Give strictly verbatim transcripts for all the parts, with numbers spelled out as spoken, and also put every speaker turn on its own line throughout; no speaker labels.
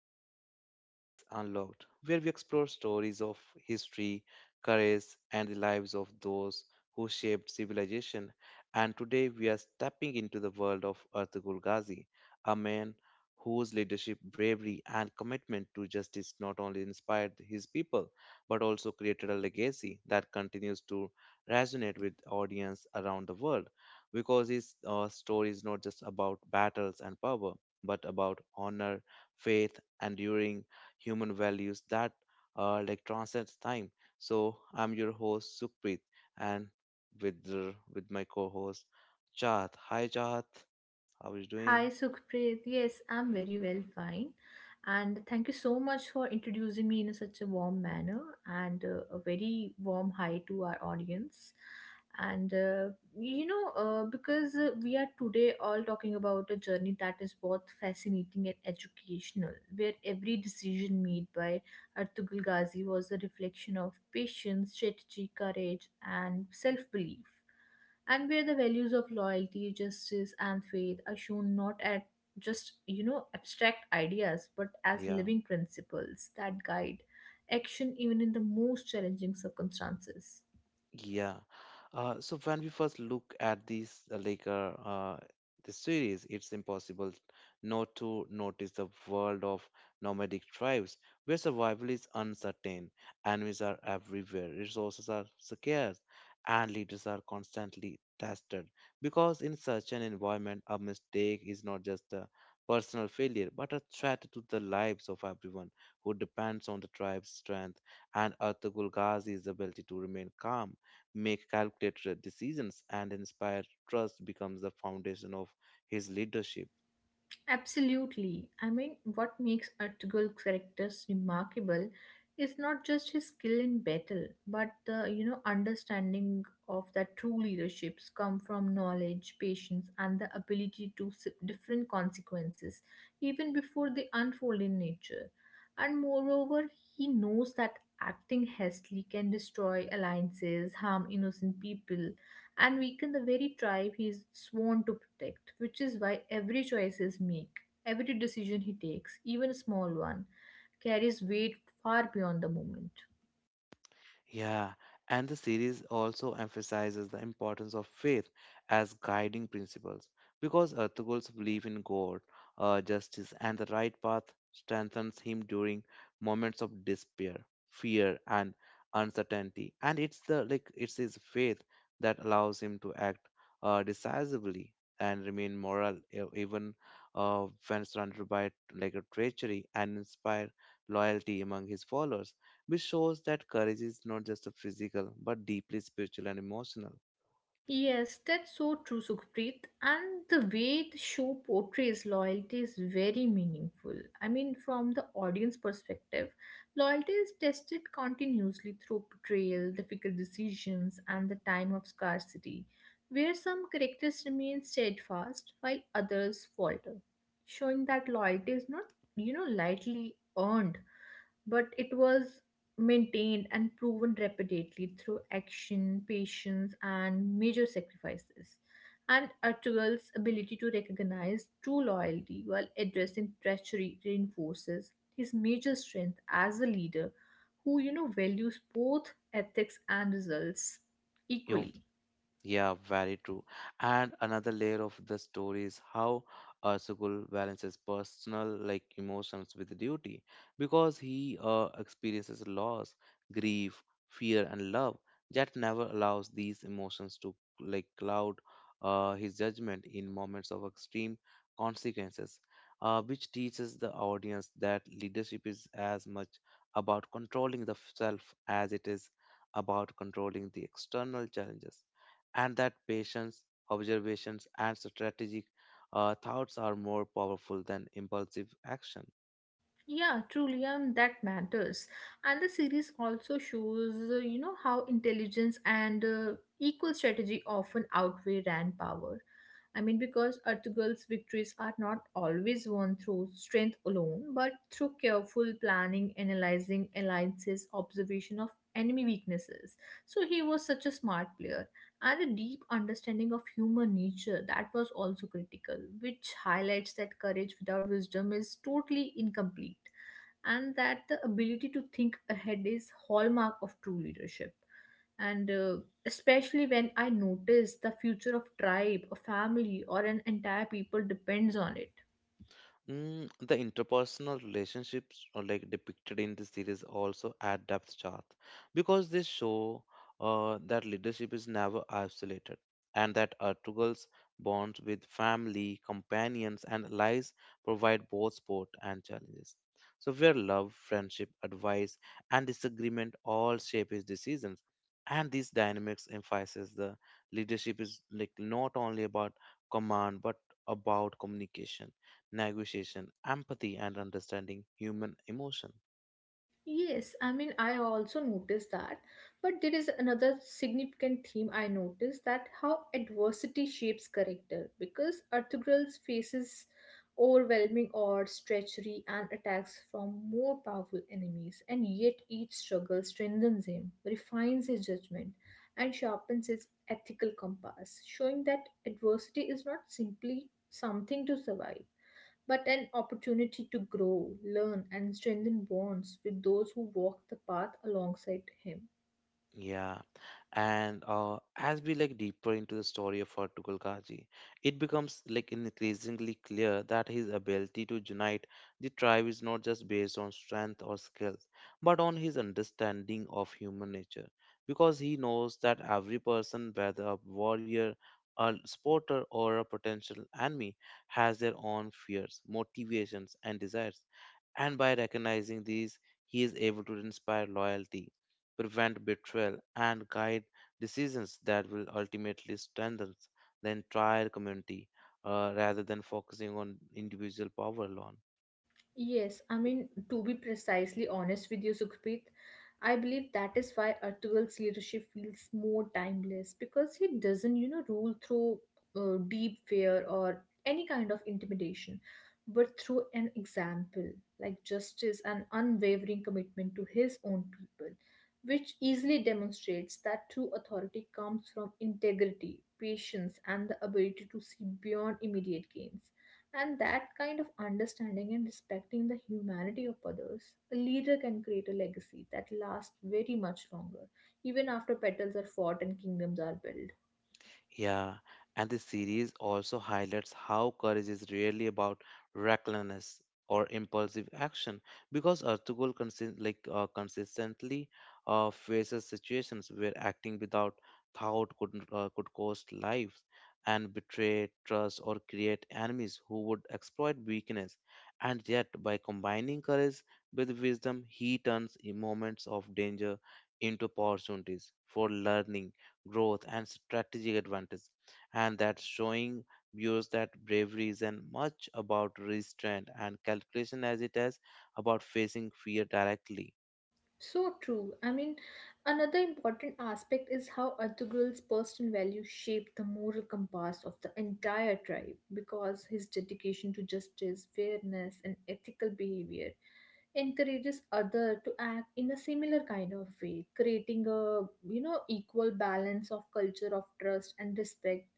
episode of Mindspace Unlocked, where we explore stories of history, courage, and the lives of those who shaped civilization. And today we are stepping into the world of Ertugrul Ghazi, a man whose leadership, bravery, and commitment to justice not only inspired his people but also created a legacy that continues to resonate with audience around the world because his uh, story is not just about battles and power but about honor, faith, enduring human values that uh, like transcends time. So I'm your host Sukhpreet, and with the, with my co-host Chahat. Hi Chahat, how is doing?
Hi, Sukhpreet. Yes, I'm very well, fine. And thank you so much for introducing me in a such a warm manner and uh, a very warm hi to our audience. And uh, you know, uh, because uh, We are today all talking about a journey that is both fascinating and educational, where every decision made by Artugul Ghazi was a reflection of patience, strategy, courage, and self belief, and where the values of loyalty, justice, and faith are shown not at just, you know, abstract ideas, but as
Yeah.
living principles that guide action even in the most challenging circumstances.
Yeah. Uh, so when we first look at this, uh, like uh, uh, the series, it's impossible not to notice the world of nomadic tribes where survival is uncertain, enemies are everywhere, resources are scarce, and leaders are constantly tested. Because in such an environment, a mistake is not just a personal failure, but a threat to the lives of everyone who depends on the tribe's strength and Ertugrul Ghazi's ability to remain calm, make calculated decisions, and inspire trust becomes the foundation of his leadership.
Absolutely. I mean, what makes Artugul characters remarkable is not just his skill in battle, but the you know understanding of that true leaderships come from knowledge, patience, and the ability to sip different consequences even before they unfold in nature. And moreover, he knows that acting hastily can destroy alliances, harm innocent people, and weaken the very tribe he is sworn to protect, which is why every choice is meek. Every decision he takes, even a small one, carries weight far beyond the moment.
Yeah, and the series also emphasizes the importance of faith as guiding principles because Ertugrul's belief in God, uh, justice, and the right path strengthens him during moments of despair, fear, and uncertainty. And it's the like it's his faith that allows him to act uh, decisively and remain moral, e- even uh, when surrounded by like a treachery, and inspire loyalty among his followers, which shows that courage is not just a physical but deeply spiritual and emotional.
Yes, that's so true, Sukhpreet. And the way the show portrays loyalty is very meaningful. I mean, from the audience perspective, loyalty is tested continuously through betrayal, difficult decisions, and the time of scarcity, where some characters remain steadfast while others falter, showing that loyalty is not, you know, lightly earned, but it was maintained and proven repeatedly through action, patience, and major sacrifices. And Artugal's ability to recognize true loyalty while addressing treachery reinforces his major strength as a leader who, you know, values both ethics and results
Your
equally.
Yeah, very true. And another layer of the story is how uh, Sukul balances personal like emotions with duty because he uh, experiences loss, grief, fear, and love. That never allows these emotions to like cloud uh, his judgment in moments of extreme consequences, uh, which teaches the audience that leadership is as much about controlling the self as it is about controlling the external challenges, and that patience, observations, and strategic uh, thoughts are more powerful than impulsive action.
Yeah, truly, um, that matters. And the series also shows, uh, you know, how intelligence and uh, equal strategy often outweigh rand power. I mean, because Ertugrul's victories are not always won through strength alone, but through careful planning, analyzing alliances, observation of enemy weaknesses. So he was such a smart player, and a deep understanding of human nature that was also critical, which highlights that courage without wisdom is totally incomplete, and that the ability to think ahead is hallmark of true leadership. And uh, Especially when I notice the future of tribe a family or an entire people depends on it.
Mm, the interpersonal relationships are like depicted in the series also add depth chart because they show uh, that leadership is never isolated, and that Artugal's bonds with family, companions, and allies provide both support and challenges. So, where love, friendship, advice, and disagreement all shape his decisions, and these dynamics emphasize the leadership is like not only about command but about communication, negotiation, empathy, and understanding human emotion.
Yes, I mean, I also noticed that. But there is another significant theme I noticed that how adversity shapes character because Arthurgral faces overwhelming odds, treachery, and attacks from more powerful enemies, and yet each struggle strengthens him, refines his judgment, and sharpens his ethical compass, showing that adversity is not simply something to survive but an opportunity to grow, learn, and strengthen bonds with those who walk the path alongside him.
Yeah, and uh, as we like deeper into the story of Ertugrul Khaji, it becomes like increasingly clear that his ability to unite the tribe is not just based on strength or skill, but on his understanding of human nature, because he knows that every person, whether a warrior, a supporter, or a potential enemy, has their own fears, motivations, and desires. And by recognizing these, he is able to inspire loyalty, prevent betrayal, and guide decisions that will ultimately strengthen the entire community, uh, rather than focusing on individual power alone.
Yes, I mean, to be precisely honest with you, Sukhpreet, I believe that is why Ertugrul's leadership feels more timeless because he doesn't, you know, rule through uh, deep fear or any kind of intimidation, but through an example like justice and unwavering commitment to his own people, which easily demonstrates that true authority comes from integrity, patience, and the ability to see beyond immediate gains, and that kind of understanding and respecting the humanity of others, a leader can create a legacy that lasts very much longer, even after battles are fought and kingdoms are built.
Yeah, and the series also highlights how courage is rarely about recklessness or impulsive action because Ertugrul consist like uh, consistently uh, faces situations where acting without thought could uh, could cost lives and betray trust or create enemies who would exploit weakness, and yet by combining courage with wisdom he turns in moments of danger into opportunities for learning, growth, and strategic advantage. And that showing viewers that bravery is as much about restraint and calculation as it is about facing fear directly.
So true. I mean, another important aspect is how Artugril's personal values shaped the moral compass of the entire tribe because his dedication to justice, fairness, and ethical behavior encourages other to act in a similar kind of way, creating a you know equal balance of culture of trust and respect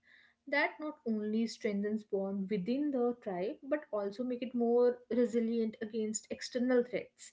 that not only strengthens bond within the tribe but also make it more resilient against external threats.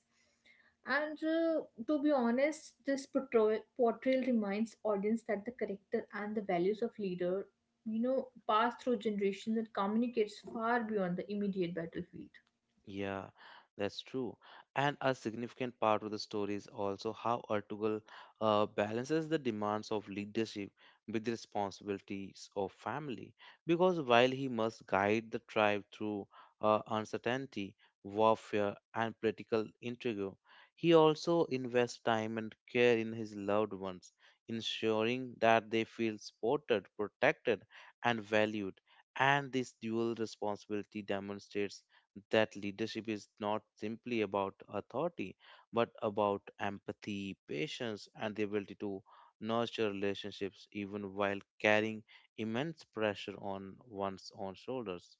And uh, To be honest, this portrayal, portrayal reminds audience that the character and the values of leader you know pass through generations and communicates far beyond the immediate battlefield.
Yeah, that's true. And a significant part of the story is also how Ertugrul uh, balances the demands of leadership with the responsibilities of family. Because while he must guide the tribe through uh, uncertainty, warfare, and political intrigue, he also invests time and care in his loved ones, ensuring that they feel supported, protected, and valued. And this dual responsibility demonstrates that leadership is not simply about authority, but about empathy, patience, and the ability to nurture relationships even while carrying immense pressure on one's own shoulders.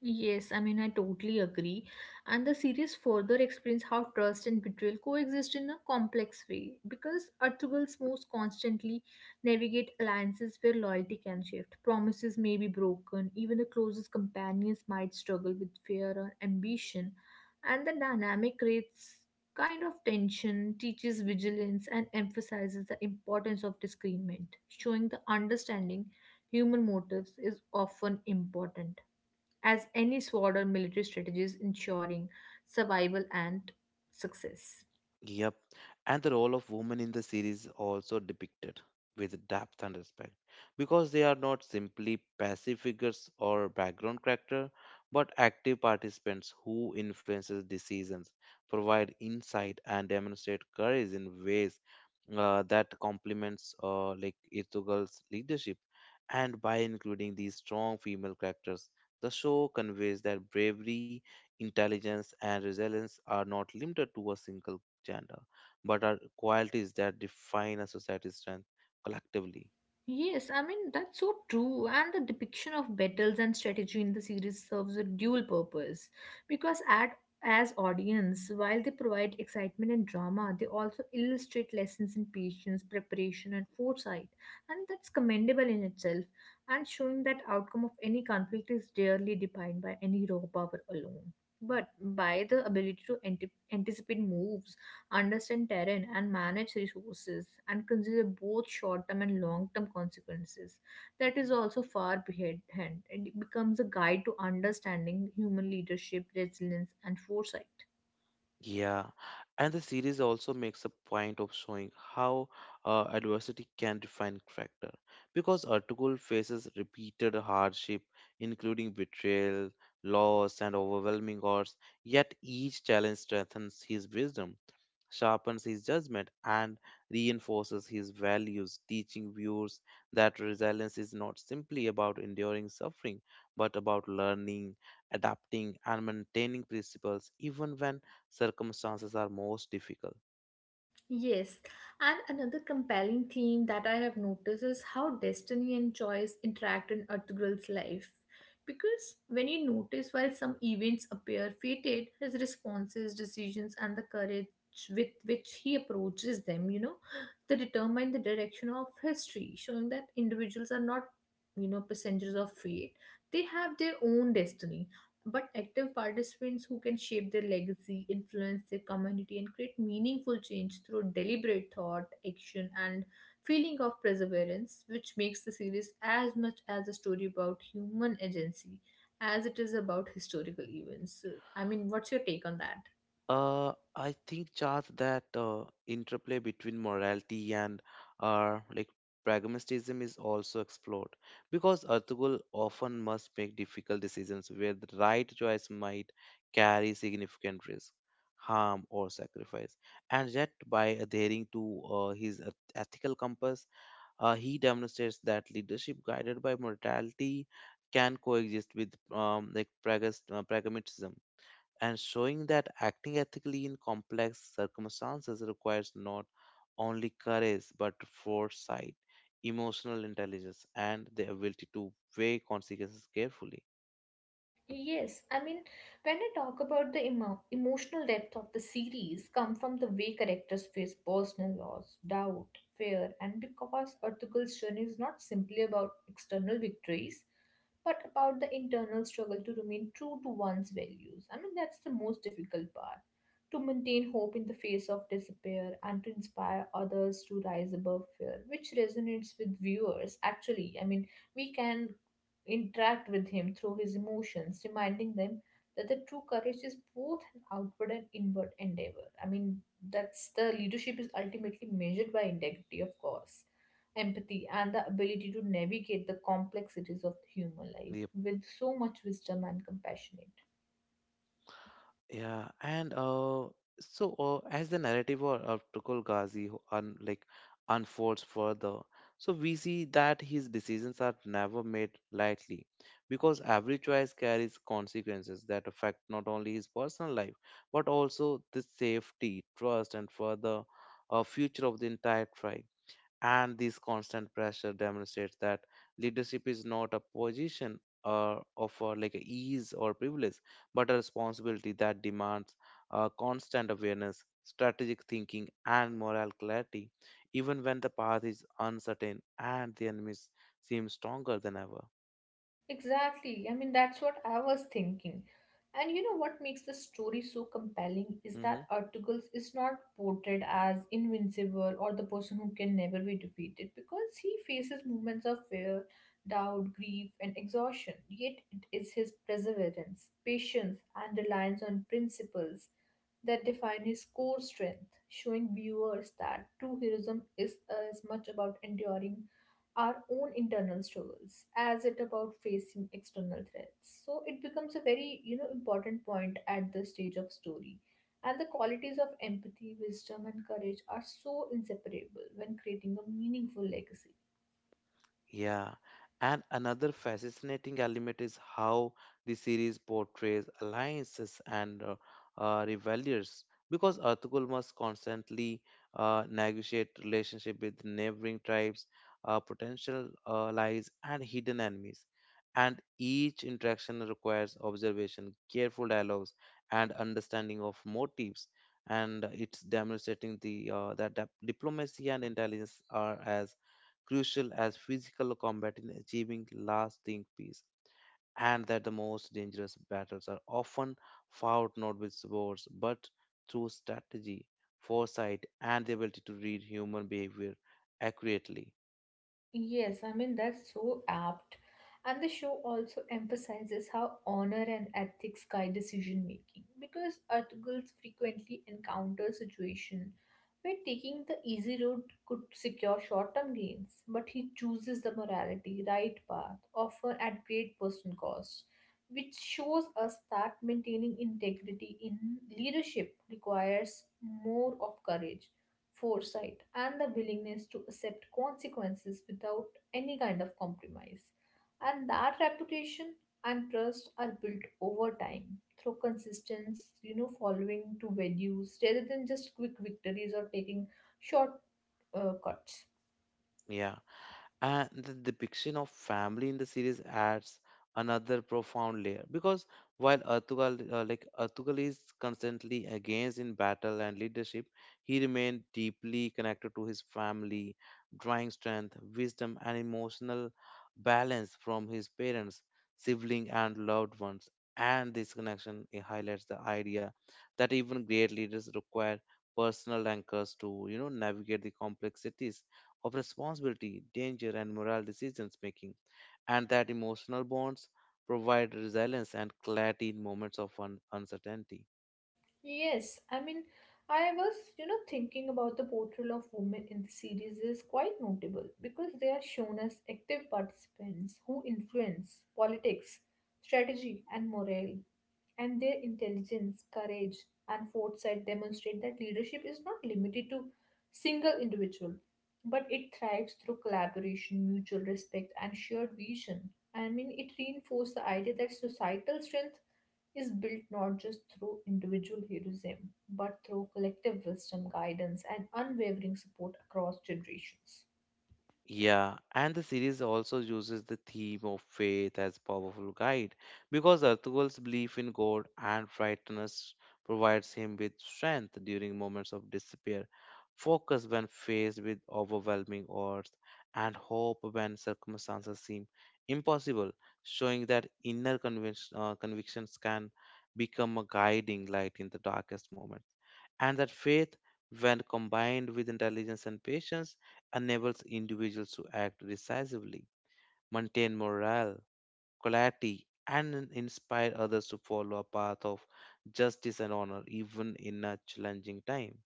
Yes, I mean, I totally agree. And the series further explains how trust and betrayal coexist in a complex way because Artugal's moves constantly navigate alliances where loyalty can shift, promises may be broken, even the closest companions might struggle with fear or ambition, and the dynamic creates kind of tension, teaches vigilance, and emphasizes the importance of discernment, showing the understanding human motives is often important as any sword or military strategy ensuring survival and success.
Yep, and the role of women in the series also depicted with depth and respect because they are not simply passive figures or background character but active participants who influences decisions, provide insight, and demonstrate courage in ways uh, that complements uh, like Ertugrul's leadership. And by including these strong female characters, the show conveys that bravery, intelligence, and resilience are not limited to a single gender, but are qualities that define a society's strength collectively.
Yes, I mean, that's so true. And the depiction of battles and strategy in the series serves a dual purpose because at as audience, while they provide excitement and drama, they also illustrate lessons in patience, preparation, and foresight. And that's commendable in itself, and showing that outcome of any conflict is rarely defined by any raw power alone, but by the ability to ante- anticipate moves, understand terrain and manage resources and consider both short-term and long-term consequences. That is also far behind. It becomes a guide to understanding human leadership, resilience, and foresight.
Yeah, and the series also makes a point of showing how uh, adversity can define character. Because Ertugrul faces repeated hardship, including betrayal, loss, and overwhelming odds, yet each challenge strengthens his wisdom, sharpens his judgment, and reinforces his values, teaching viewers that resilience is not simply about enduring suffering, but about learning, adapting, and maintaining principles even when circumstances are most difficult.
Yes, and another compelling theme that I have noticed is how destiny and choice interact in Artugrul's life. Because when you notice while some events appear fated, his responses, decisions, and the courage with which he approaches them, you know, they determine the direction of history, showing that individuals are not, you know, passengers of fate. They have their own destiny but active participants who can shape their legacy, influence their community, and create meaningful change through deliberate thought, action, and feeling of perseverance, which makes the series as much as a story about human agency as it is about historical events. So, I mean, what's your take on that?
Uh, I think, Charles, that uh, interplay between morality and uh, like pragmatism is also explored because Ertugrul often must make difficult decisions where the right choice might carry significant risk, harm, or sacrifice. And yet, by adhering to uh, his eth- ethical compass, uh, he demonstrates that leadership guided by morality can coexist with um, like pragas- uh, pragmatism, and showing that acting ethically in complex circumstances requires not only courage but foresight, emotional intelligence, and the ability to weigh consequences carefully.
Yes, I mean, when I talk about the emo- emotional depth of the series, come from the way characters face personal loss, doubt, fear, and because Ertugrul's journey is not simply about external victories, but about the internal struggle to remain true to one's values. I mean, that's the most difficult part to maintain hope in the face of despair and to inspire others to rise above fear, which resonates with viewers. Actually, I mean, we can interact with him through his emotions, reminding them that the true courage is both an outward and inward endeavor. I mean, that's the leadership is ultimately measured by integrity, of course, empathy, and the ability to navigate the complexities of the human life with so much wisdom and compassionate.
Yeah, and uh, so uh, as the narrative of, of Tukul Ghazi ho- un, like unfolds further, so we see that his decisions are never made lightly, because every choice carries consequences that affect not only his personal life but also the safety, trust, and further uh, future of the entire tribe. And this constant pressure demonstrates that leadership is not a position uh, of uh, like a ease or privilege, but a responsibility that demands uh, constant awareness, strategic thinking, and moral clarity, even when the path is uncertain and the enemy seems stronger than ever.
Exactly. I mean, that's what I was thinking. And you know what makes the story so compelling is
Mm-hmm.
that Articles is not portrayed as invincible or the person who can never be defeated because he faces moments of fear, doubt, grief, and exhaustion. Yet it is his perseverance, patience, and reliance on principles that define his core strength, showing viewers that true heroism is as much about enduring our own internal struggles as it about facing external threats. So it becomes a very you know important point at this stage of story. And the qualities of empathy, wisdom, and courage are so inseparable when creating a meaningful legacy.
Yeah, and another fascinating element is how the series portrays alliances and uh, uh, rivalries because Ertugrul must constantly uh, negotiate relationship with neighboring tribes, uh, potential uh, allies, and hidden enemies. And each interaction requires observation, careful dialogues, and understanding of motives. And it's demonstrating the uh, that dip- diplomacy and intelligence are as crucial as physical combat in achieving lasting peace, and that the most dangerous battles are often fought not with swords but through strategy, foresight, and the ability to read human behavior accurately.
Yes, I mean, that's so apt. And the show also emphasizes how honor and ethics guide decision making because Artugals frequently encounter situations where taking the easy road could secure short term gains, but he chooses the morality, right path, often at great personal cost, which shows us that maintaining integrity in leadership requires more of courage, foresight and the willingness to accept consequences without any kind of compromise. And that reputation and trust are built over time through consistency, you know, following to values rather than just quick victories or taking short uh, cuts.
Yeah. And the depiction of family in the series adds another profound layer because while Ertugrul, uh, like Ertugrul is constantly engaged in battle and leadership, he remained deeply connected to his family, drawing strength, wisdom, and emotional balance from his parents, siblings, and loved ones. And this connection it highlights the idea that even great leaders require personal anchors to you know navigate the complexities of responsibility, danger, and moral decisions making, and that emotional bonds provide resilience and clarity in moments of un- uncertainty.
Yes, I mean, I was, you know, thinking about the portrayal of women in the series is quite notable because they are shown as active participants who influence politics, strategy, and morale. And their intelligence, courage, and foresight demonstrate that leadership is not limited to single individual, but it thrives through collaboration, mutual respect, and shared vision. I mean, it reinforces the idea that societal strength is built not just through individual heroism, but through collective wisdom, guidance, and unwavering support across generations.
Yeah, and the series also uses the theme of faith as powerful guide because Artugal's belief in God and righteousness provides him with strength during moments of despair, focus when faced with overwhelming odds, and hope when circumstances seem impossible, showing that inner convinc- uh, convictions can become a guiding light in the darkest moments. And that faith, when combined with intelligence and patience, enables individuals to act decisively, maintain morale, quality, and in- inspire others to follow a path of justice and honor, even in a challenging time.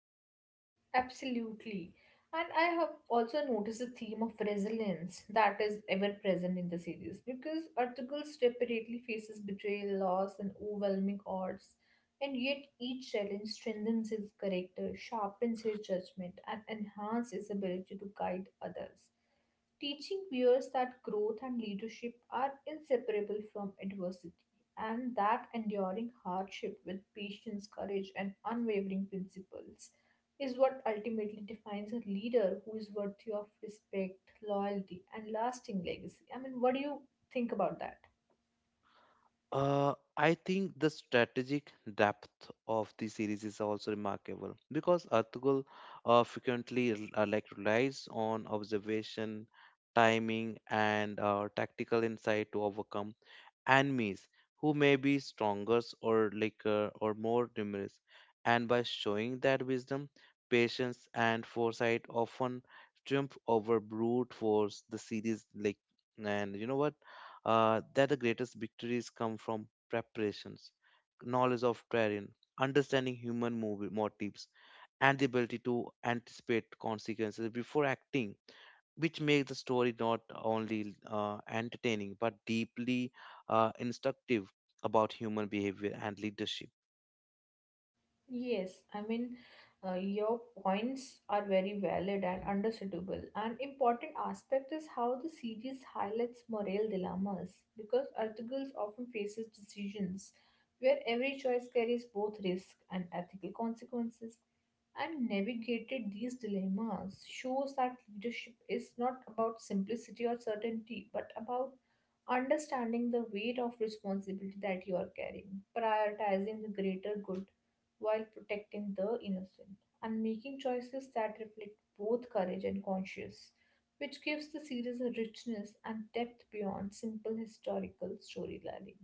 Absolutely. And I have also noticed the theme of resilience that is ever present in the series because Artugal repeatedly faces betrayal, loss, and overwhelming odds. And yet, each challenge strengthens his character, sharpens his judgment, and enhances his ability to guide others, teaching viewers that growth and leadership are inseparable from adversity and that enduring hardship with patience, courage, and unwavering principles is what ultimately defines a leader who is worthy of respect, loyalty, and lasting legacy. I mean, what do you think about that?
Uh, I think the strategic depth of the series is also remarkable because Artugul uh, frequently rel- uh, like relies on observation, timing, and uh, tactical insight to overcome enemies who may be stronger or like uh, or more numerous, and by showing that wisdom, patience, and foresight often triumph over brute force, the series like and you know what uh, that the greatest victories come from preparations, knowledge of terrain, understanding human movi- motives, and the ability to anticipate consequences before acting, which makes the story not only uh, entertaining but deeply uh, instructive about human behavior and leadership.
Yes, I mean, uh, your points are very valid and understandable. An important aspect is how the series highlights moral dilemmas because articles often faces decisions where every choice carries both risk and ethical consequences. And navigated these dilemmas shows that leadership is not about simplicity or certainty, but about understanding the weight of responsibility that you are carrying, prioritizing the greater good while protecting the innocent, and making choices that reflect both courage and conscience, which gives the series a richness and depth beyond simple historical storytelling.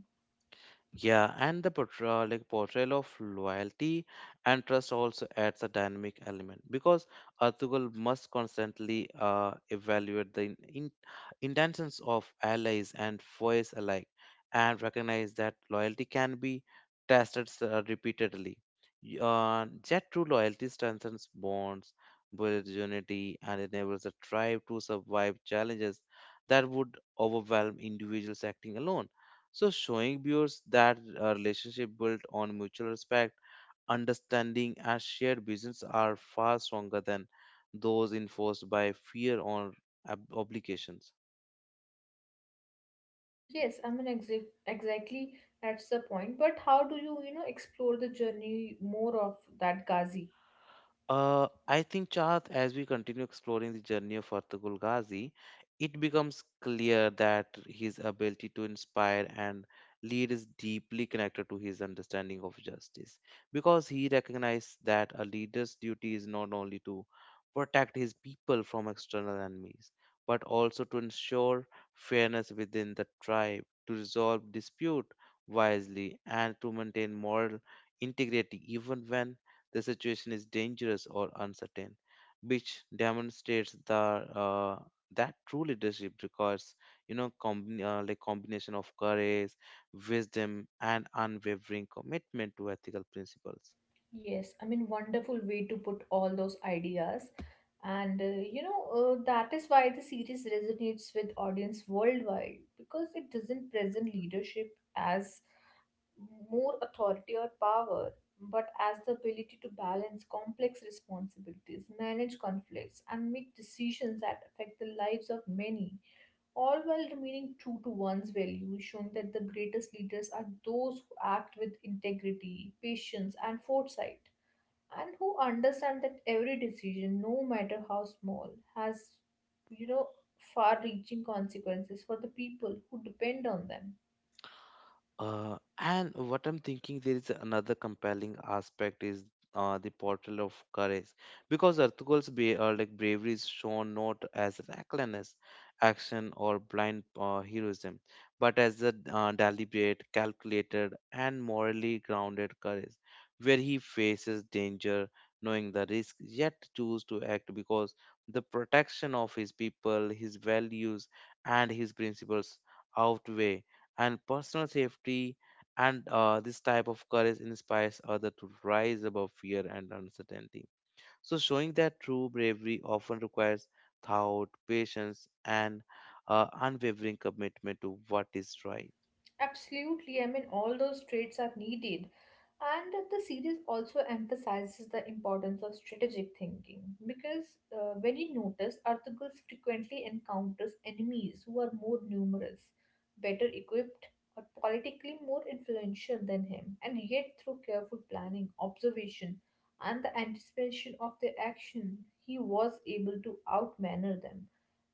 Yeah, and the portrayal, like portrayal of loyalty and trust also adds a dynamic element because Ertugrul must constantly uh, evaluate the in, in, intentions of allies and foes alike and recognize that loyalty can be tested uh, repeatedly. Y- Uh, yet true loyalty strengthens bonds, builds unity, and enables the tribe to survive challenges that would overwhelm individuals acting alone. So showing viewers that a relationship built on mutual respect, understanding, and shared visions are far stronger than those enforced by fear or ob- obligations.
Yes, I mean exa- exactly that's the point. But how do you, you know, explore the journey more of that Ghazi?
Uh, I think, Chahat, as we continue exploring the journey of Ertugrul Ghazi, it becomes clear that his ability to inspire and lead is deeply connected to his understanding of justice, because he recognized that a leader's duty is not only to protect his people from external enemies, but also to ensure fairness within the tribe, to resolve dispute wisely, and to maintain moral integrity even when the situation is dangerous or uncertain, which demonstrates the uh, that true leadership requires you know com- uh, like combination of courage, wisdom, and unwavering commitment to ethical principles.
Yes, I mean, wonderful way to put all those ideas. And uh, you know, uh, that is why the series resonates with audience worldwide because it doesn't present leadership as more authority or power, but as the ability to balance complex responsibilities, manage conflicts, and make decisions that affect the lives of many, all while remaining true to one's values, showing that the greatest leaders are those who act with integrity, patience, and foresight and who understand that every decision, no matter how small, has you know far-reaching consequences for the people who depend on them.
Uh, and what I'm thinking, there is another compelling aspect is uh, the portrayal of courage, because Ertugrul's be uh, like bravery is shown not as reckless action or blind uh, heroism, but as a uh, deliberate, calculated, and morally grounded courage, where he faces danger, knowing the risk, yet choose to act because the protection of his people, his values, and his principles outweigh and personal safety, and uh, this type of courage inspires others to rise above fear and uncertainty, so showing that true bravery often requires thought, patience, and uh, unwavering commitment to what is right.
Absolutely, I mean all those traits are needed. And the series also emphasizes the importance of strategic thinking because uh, when you notice, Arthur frequently encounters enemies who are more numerous, better equipped, or politically more influential than him. And yet, through careful planning, observation, and the anticipation of their action, he was able to outmaneuver them,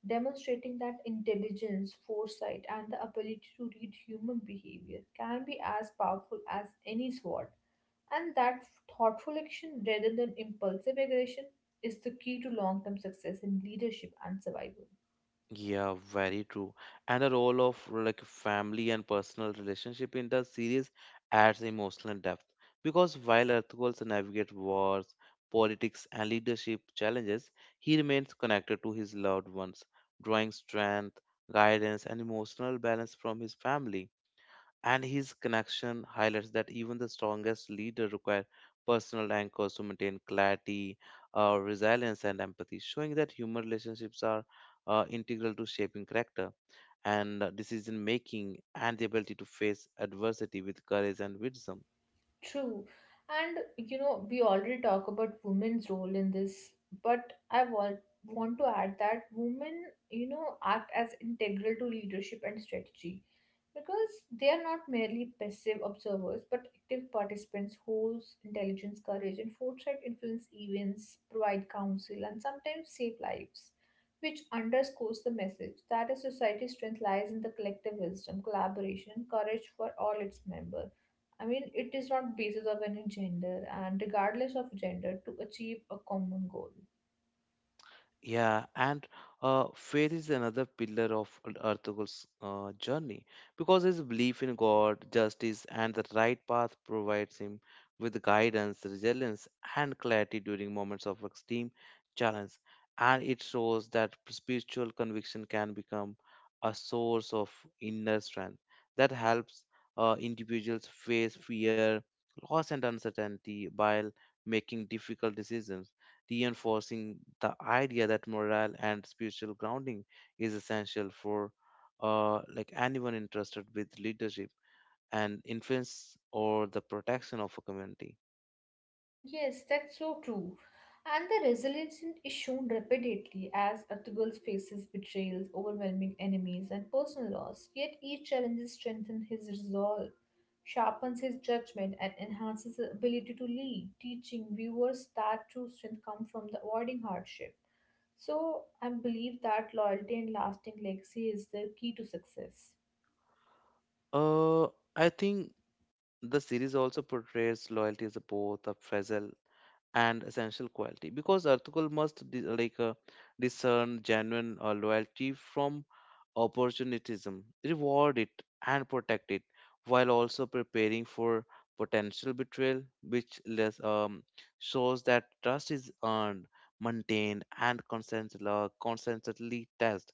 demonstrating that intelligence, foresight, and the ability to read human behavior can be as powerful as any sword, and that thoughtful action rather than impulsive aggression is the key to long term success in leadership and survival.
Yeah, very true. And the role of like family and personal relationship in the series adds emotional depth because while Earthgirls navigate wars, politics, and leadership challenges, he remains connected to his loved ones, drawing strength, guidance, and emotional balance from his family, and his connection highlights that even the strongest leader require personal anchors to maintain clarity, uh, resilience, and empathy, showing that human relationships are uh, integral to shaping character and uh, decision making and the ability to face adversity with courage and wisdom.
True. And you know, we already talk about women's role in this, but I want want to add that women, you know, act as integral to leadership and strategy because they are not merely passive observers but active participants whose intelligence, courage, and foresight influence events, provide counsel, and sometimes save lives, which underscores the message that a society's strength lies in the collective wisdom, collaboration, and courage for all its members. I mean, it is not basis of any gender and regardless of gender to achieve a common goal.
Yeah, and uh, faith is another pillar of Arthur's uh, journey because his belief in God, justice, and the right path provides him with guidance, resilience, and clarity during moments of extreme challenge. And it shows that spiritual conviction can become a source of inner strength that helps uh, individuals face fear, loss, and uncertainty while making difficult decisions, reinforcing the idea that morale and spiritual grounding is essential for uh, like anyone interested with leadership and influence or the protection of a community.
Yes, that's so true. And the resilience is shown repeatedly as Archibald faces betrayals, overwhelming enemies, and personal loss. Yet each challenge strengthens his resolve, sharpens his judgment, and enhances his ability to lead, teaching viewers that true strength comes from the avoiding hardship. So I believe that loyalty and lasting legacy is the key to success.
Uh, I think the series also portrays loyalty as a both a fragile and essential quality because Arthukul must di- like uh, discern genuine uh, loyalty from opportunism, reward it and protect it while also preparing for potential betrayal, which less, um, shows that trust is earned, maintained, and constantly, uh, constantly tested,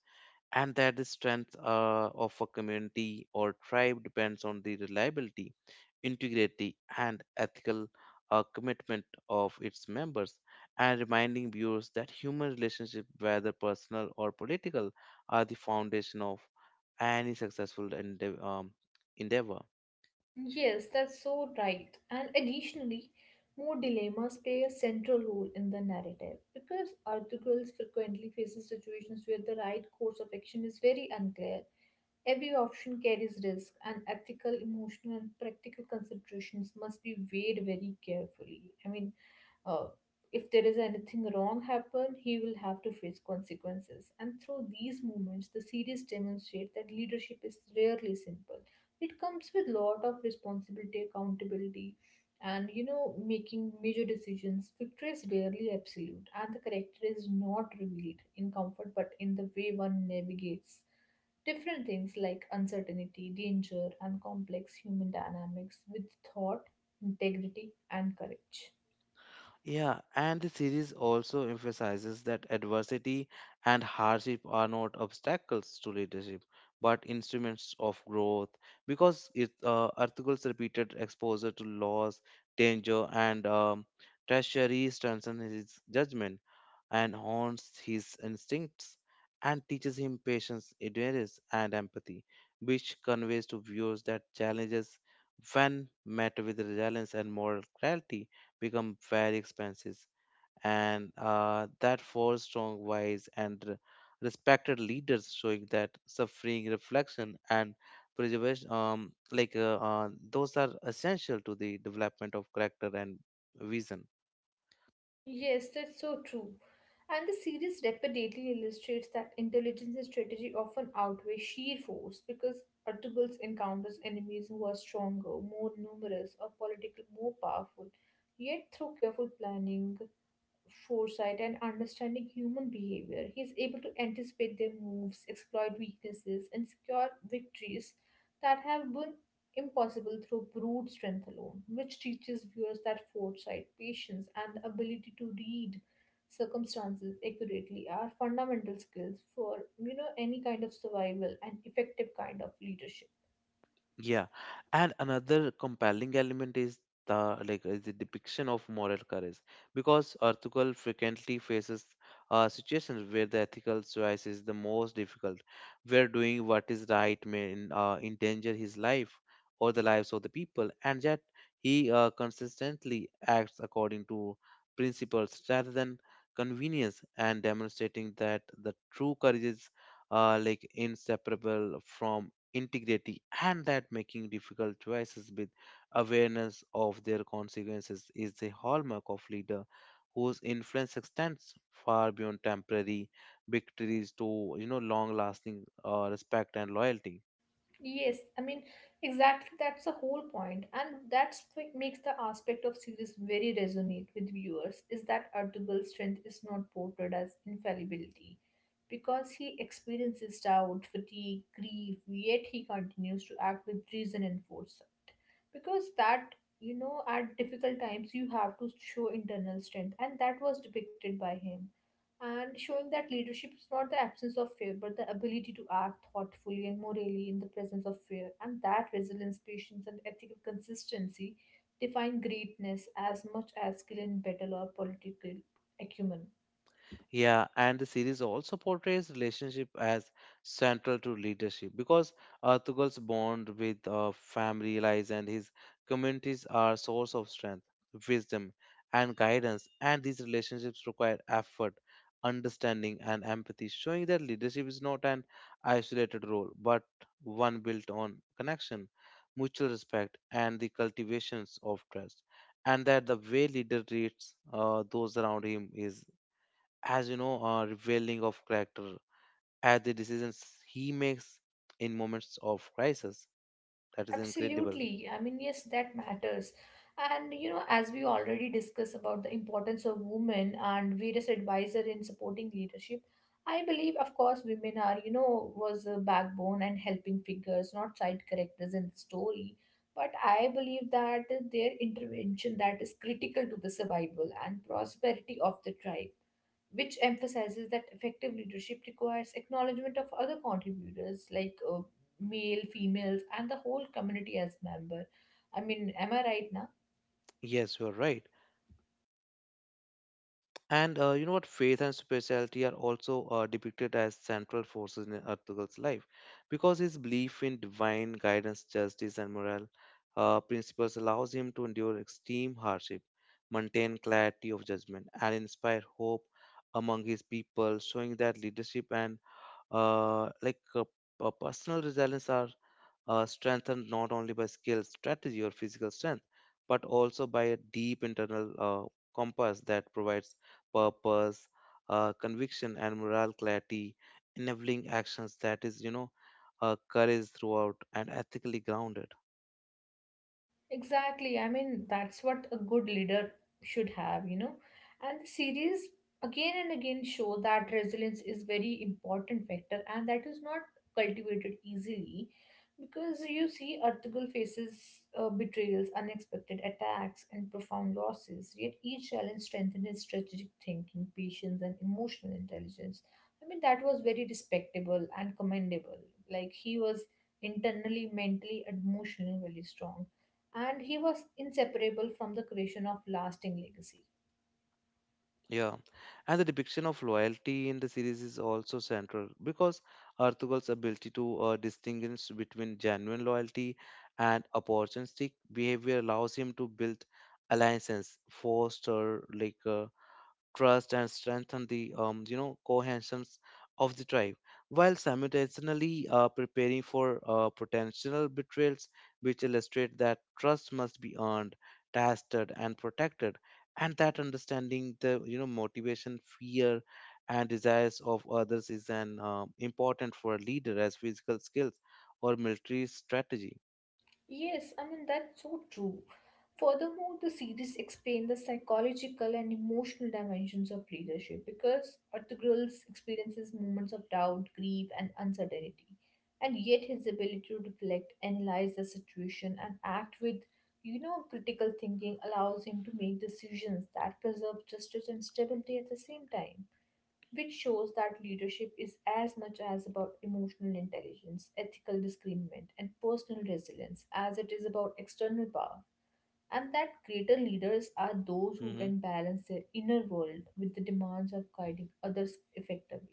and that the strength uh, of a community or tribe depends on the reliability, integrity, and ethical uh, commitment of its members, and reminding viewers that human relationships, whether personal or political, are the foundation of any successful endeav- um, endeavor.
Yes, that's so right. And additionally, more dilemmas play a central role in the narrative because articles frequently faces situations where the right course of action is very unclear. Every option carries risk, and ethical, emotional, and practical considerations must be weighed very carefully. I mean, uh, if there is anything wrong happen he will have to face consequences, and through these moments, the series demonstrate that leadership is rarely simple. It comes with lot of responsibility accountability, and you know making major decisions victory is rarely absolute, and the character is not revealed in comfort but in the way one navigates different things like uncertainty danger and complex human dynamics with thought integrity and courage.
Yeah, and the series also emphasizes that adversity and hardship are not obstacles to leadership, but instruments of growth. Because it, uh, Arthur's repeated exposure to loss, danger, and um, treachery strengthened his judgment, and haunts his instincts and teaches him patience, endurance, and empathy, which conveys to viewers that challenges, when met with resilience and moral clarity, become very expensive. And uh, that four strong, wise, and r- respected leaders, showing that suffering, reflection, and preservation, um, like uh, uh, those are essential to the development of character and vision.
Yes, that's so true. And the series repeatedly illustrates that intelligence and strategy often outweigh sheer force because Artugal's encounters enemies who are stronger, more numerous, or politically more powerful. Yet, through careful planning, foresight and understanding human behavior. He is able to anticipate their moves, exploit weaknesses, and secure victories that have been impossible through brute strength alone, which teaches viewers that foresight, patience, and the ability to read circumstances accurately are fundamental skills for you know any kind of survival and effective kind of leadership.
Yeah, and another compelling element is the like is the depiction of moral courage, because Ertugrul frequently faces uh, situations where the ethical choice is the most difficult, where doing what is right may en- uh, endanger his life or the lives of the people, and yet he uh, consistently acts according to principles rather than convenience, and demonstrating that the true courage is uh, like inseparable from integrity, and that making difficult choices with awareness of their consequences is the hallmark of leader whose influence extends far beyond temporary victories to you know long lasting uh, respect and loyalty.
Yes, I mean, exactly that's the whole point, and that's what makes the aspect of series very resonate with viewers is that Artubal's strength is not portrayed as infallibility because he experiences doubt, fatigue, grief, yet he continues to act with reason and foresight. Because that, you know, at difficult times you have to show internal strength, and that was depicted by him and showing that leadership is not the absence of fear but the ability to act thoughtfully and morally in the presence of fear, and that resilience patience and ethical consistency define greatness as much as skill in battle or political acumen.
Yeah, and the series also portrays relationship as central to leadership because uh, bond with uh, family lies and his communities are a source of strength, wisdom, and guidance. And these relationships require effort, understanding, and empathy, showing that leadership is not an isolated role but one built on connection, mutual respect, and the cultivations of trust. And that the way leader treats uh, those around him is, as you know, a revealing of character at the decisions he makes in moments of crisis. That is incredible.
Absolutely. I mean, yes, that matters. And you know, as we already discussed about the importance of women and various advisor in supporting leadership, I believe, of course, women are you know was a backbone and helping figures, not side characters in the story. But I believe that their intervention that is critical to the survival and prosperity of the tribe, which emphasizes that effective leadership requires acknowledgement of other contributors like uh, male females and the whole community as member. I mean, am I right now?
Yes, you are right. And uh, you know what? Faith and spirituality are also uh, depicted as central forces in Artugal's life because his belief in divine guidance, justice, and moral uh, principles allows him to endure extreme hardship, maintain clarity of judgment, and inspire hope among his people, showing that leadership and uh, like uh, uh, personal resilience are uh, strengthened not only by skill, strategy, or physical strength, but also by a deep internal uh, compass that provides purpose, uh, conviction, and moral clarity, enabling actions that is you know uh, courage throughout and ethically grounded.
Exactly. I mean, that's what a good leader should have, you know. And the series again and again show that resilience is very important factor and that is not cultivated easily because you see Artugal faces uh, betrayals, unexpected attacks and profound losses. Yet each challenge strengthened his strategic thinking, patience and emotional intelligence. I mean, that was very respectable and commendable. Like he was internally, mentally, and emotionally very strong, and he was inseparable from the creation of lasting legacy.
Yeah, and the depiction of loyalty in the series is also central because Artugal's ability to uh, distinguish between genuine loyalty and opportunistic behavior allows him to build alliances, foster like uh, trust, and strengthen the um, you know cohesions of the tribe, while simultaneously uh, preparing for uh, potential betrayals, which illustrate that trust must be earned, tested, and protected, and that understanding the you know motivation, fear, and desires of others is an um important for a leader as physical skills or military strategy.
Yes, I mean that's so true. Furthermore, the series explain the psychological and emotional dimensions of leadership because Artugrul's experiences moments of doubt, grief, and uncertainty, and yet his ability to reflect, analyze the situation, and act with you know critical thinking allows him to make decisions that preserve justice and stability at the same time. Which shows that leadership is as much as about emotional intelligence, ethical discernment, and personal resilience as it is about external power. And that greater leaders are those who
Mm-hmm.
can balance their inner world with the demands of guiding others effectively.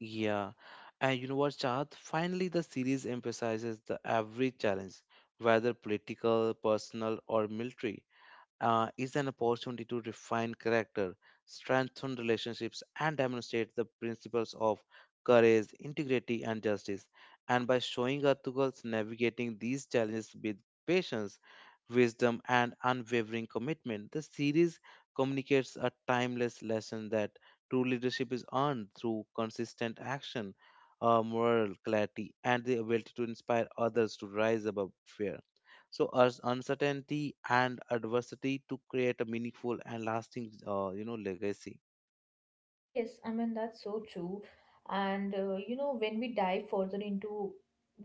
Yeah, and you know what, Chad? Finally, the series emphasizes the every challenge, whether political, personal, or military, uh, is an opportunity to refine character, strengthen relationships, and demonstrate the principles of courage, integrity, and justice. And by showing our articles navigating these challenges with patience, wisdom, and unwavering commitment, the series communicates a timeless lesson that true leadership is earned through consistent action, uh, moral clarity, and the ability to inspire others to rise above fear so as uncertainty and adversity to create a meaningful and lasting uh, you know legacy.
Yes, I mean, that's so true. And uh, you know, when we dive further into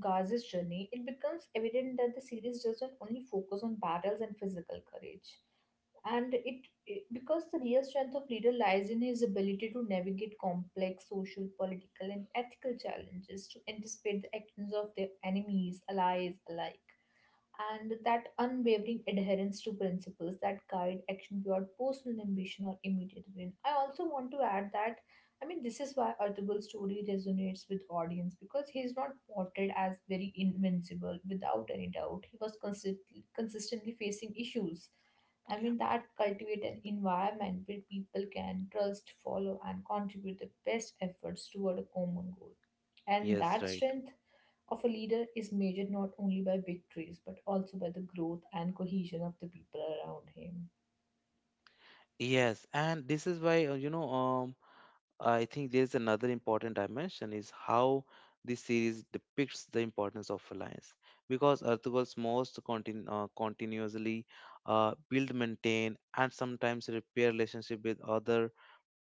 Gaz's journey, it becomes evident that the series doesn't only focus on battles and physical courage. And it, it because the real strength of leader lies in his ability to navigate complex social, political, and ethical challenges to anticipate the actions of their enemies, allies alike, and that unwavering adherence to principles that guide action beyond personal ambition or immediate gain. I also want to add that I mean this is why Artubal's story resonates with audience because he is not portrayed as very invincible without any doubt. He was consist- consistently facing issues. I mean that cultivate an environment where people can trust, follow, and contribute their best efforts toward a common goal. And
Yes,
that
right.
strength of a leader is measured not only by victories but also by the growth and cohesion of the people around him.
Yes, and this is why, uh, you know, um, I think there's another important dimension is how this series depicts the importance of alliance, because earthworlds most continu- uh, continuously uh, build, maintain, and sometimes repair relationship with other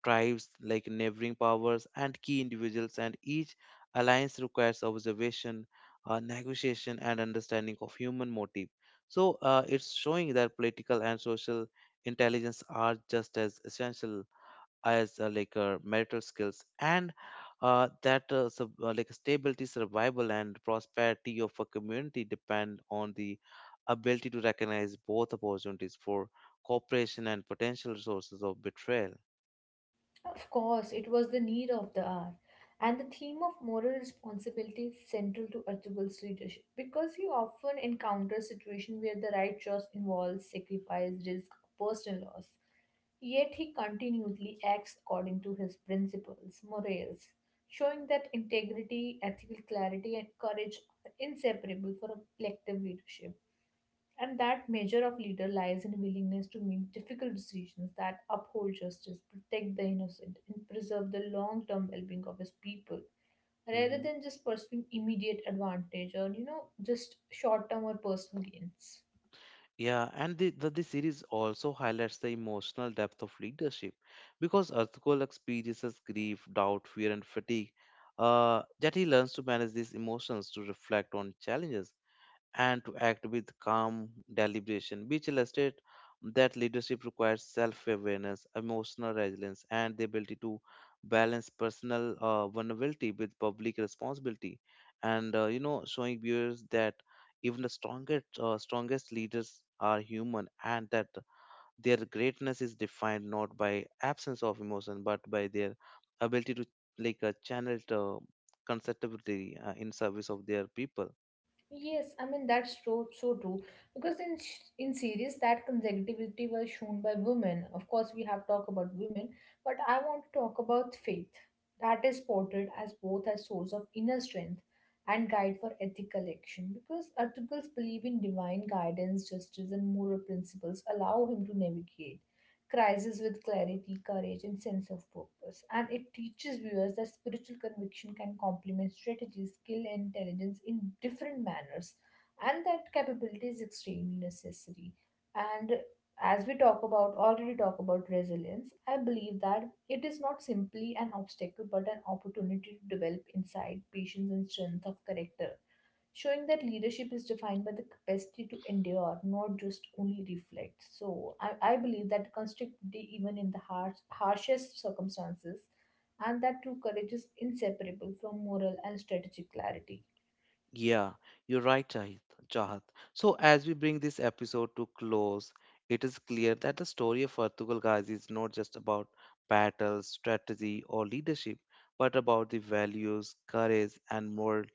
tribes like neighboring powers and key individuals, and each alliance requires observation, uh, negotiation, and understanding of human motive. So uh, it's showing that political and social intelligence are just as essential as uh, like uh, marital skills, and uh, that uh, sub, uh, like stability, survival, and prosperity of a community depend on the ability to recognize both opportunities for cooperation and potential sources of betrayal.
Of course, it was the need of the hour. And the theme of moral responsibility is central to Archibald's leadership because he often encounters situations where the right choice involves sacrifice, risk, or personal loss. Yet he continually acts according to his principles, morals, showing that integrity, ethical clarity, and courage are inseparable for a collective leadership. And that measure of leader lies in willingness to make difficult decisions that uphold justice, protect the innocent, and preserve the long-term well-being of his people, rather
Mm-hmm.
than just pursuing immediate advantage or you know just short-term or personal gains.
Yeah, and the, the, the series also highlights the emotional depth of leadership because Arthur experiences grief, doubt, fear, and fatigue. Uh, yet he learns to manage these emotions, to reflect on challenges, and to act with calm deliberation, which illustrate that leadership requires self-awareness, emotional resilience, and the ability to balance personal uh, vulnerability with public responsibility, and uh, you know, showing viewers that even the strongest uh, strongest leaders are human, and that their greatness is defined not by absence of emotion but by their ability to like uh, channel it uh, constructively uh, in service of their people.
Yes, I mean that's so so true because in sh- in series that consecutivity was shown by women. Of course, we have talked about women, but I want to talk about faith. That is portrayed as both a source of inner strength and guide for ethical action because articles believe in divine guidance, justice, and moral principles allow him to navigate crisis with clarity, courage, and sense of purpose. And it teaches viewers that spiritual conviction can complement strategy, skill, and intelligence in different manners, and that capability is extremely necessary. And as we talk about already talk about resilience, I believe that it is not simply an obstacle but an opportunity to develop insight, patience, and strength of character, showing that leadership is defined by the capacity to endure, not just only reflect. So I, I believe that constructivity, even in the harsh, harshest circumstances, and that true courage is inseparable from moral and strategic clarity.
Yeah, you're right, Jahit. Jahat. So, as we bring this episode to close, it is clear that the story of Ertugrul Ghazi is not just about battle, strategy, or leadership, but about the values, courage, and moral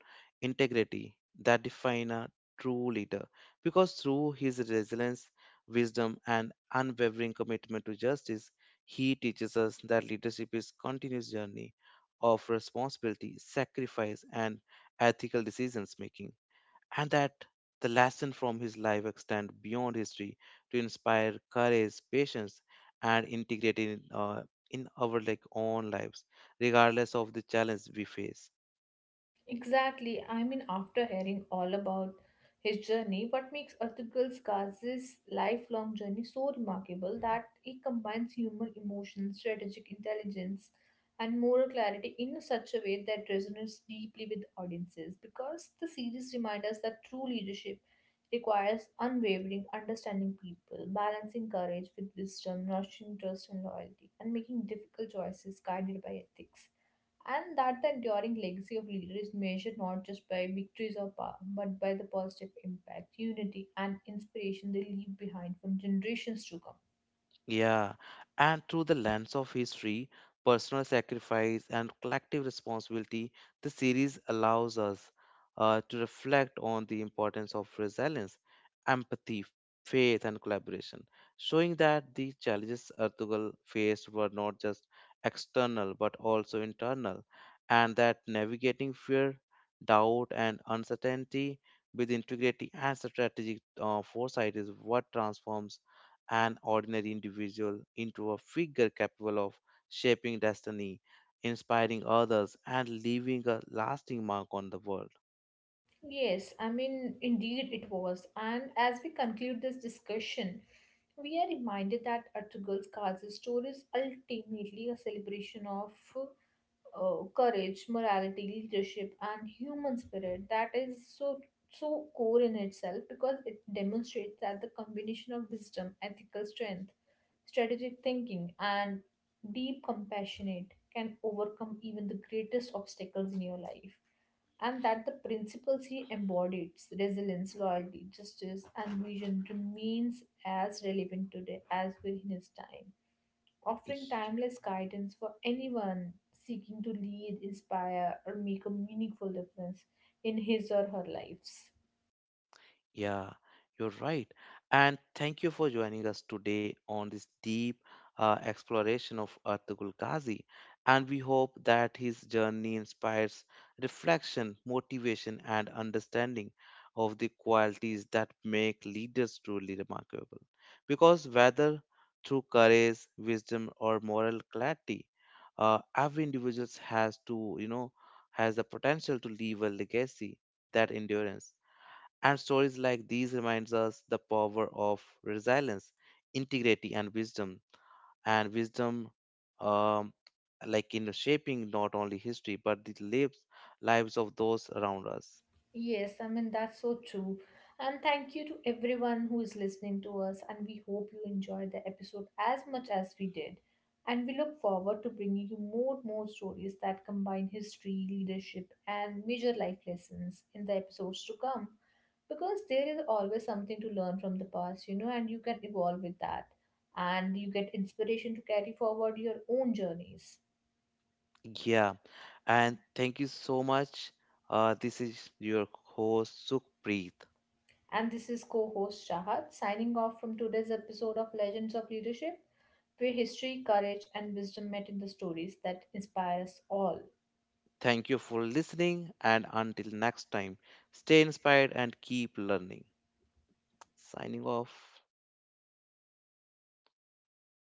integrity that define a true leader. Because through his resilience, wisdom, and unwavering commitment to justice, he teaches us that leadership is continuous journey of responsibility, sacrifice, and ethical decisions making, and that the lesson from his life extend beyond history to inspire courage, patience, and integrity in, uh, in our like own lives, regardless of the challenge we face.
Exactly. I mean, after hearing all about his journey, what makes Arthur Gaz's lifelong journey so remarkable that he combines humor, emotion, strategic intelligence, and moral clarity in such a way that resonates deeply with audiences. Because the series reminds us that true leadership requires unwavering understanding people, balancing courage with wisdom, nurturing trust and loyalty, and making difficult choices guided by ethics. And that the enduring legacy of leader is measured not just by victories or power, but by the positive impact, unity, and inspiration they leave behind for generations to come.
Yeah, and through the lens of history, personal sacrifice, and collective responsibility, the series allows us uh, to reflect on the importance of resilience, empathy, faith, and collaboration, showing that the challenges Ertugrul faced were not just external but also internal, and that navigating fear, doubt, and uncertainty with integrity and strategic uh, foresight is what transforms an ordinary individual into a figure capable of shaping destiny, inspiring others, and leaving a lasting mark on the world.
Yes, I mean, indeed it was. And as we conclude this discussion, we are reminded that Artugal's Kaza's story is ultimately a celebration of uh, courage, morality, leadership, and human spirit that is so so core in itself because it demonstrates that the combination of wisdom, ethical strength, strategic thinking, and deep compassionate can overcome even the greatest obstacles in your life. And that the principles he embodied, resilience, loyalty, justice, and vision, remains as relevant today as within his time, offering timeless guidance for anyone seeking to lead, inspire, or make a meaningful difference in his or her lives.
Yeah, you're right. And thank you for joining us today on this deep uh, exploration of Ertugrul Ghazi. And we hope that his journey inspires reflection, motivation, and understanding of the qualities that make leaders truly remarkable. Because whether through courage, wisdom, or moral clarity, uh, every individual has to, you know, has the potential to leave a legacy that endurance, and stories like these reminds us the power of resilience, integrity, and wisdom. And wisdom, um, like in shaping not only history but the lives lives of those around us.
Yes, I mean, that's so true. And thank you to everyone who is listening to us. And we hope you enjoyed the episode as much as we did. And we look forward to bringing you more more stories that combine history, leadership, and major life lessons in the episodes to come. Because there is always something to learn from the past, you know, and you can evolve with that. And you get inspiration to carry forward your own journeys.
Yeah, and thank you so much. Uh, this is your host Sukhpreet.
And this is co host Shahad signing off from today's episode of Legends of Leadership, where history, courage, and wisdom met in the stories that inspire us all.
Thank you for listening, and until next time, stay inspired and keep learning. Signing off.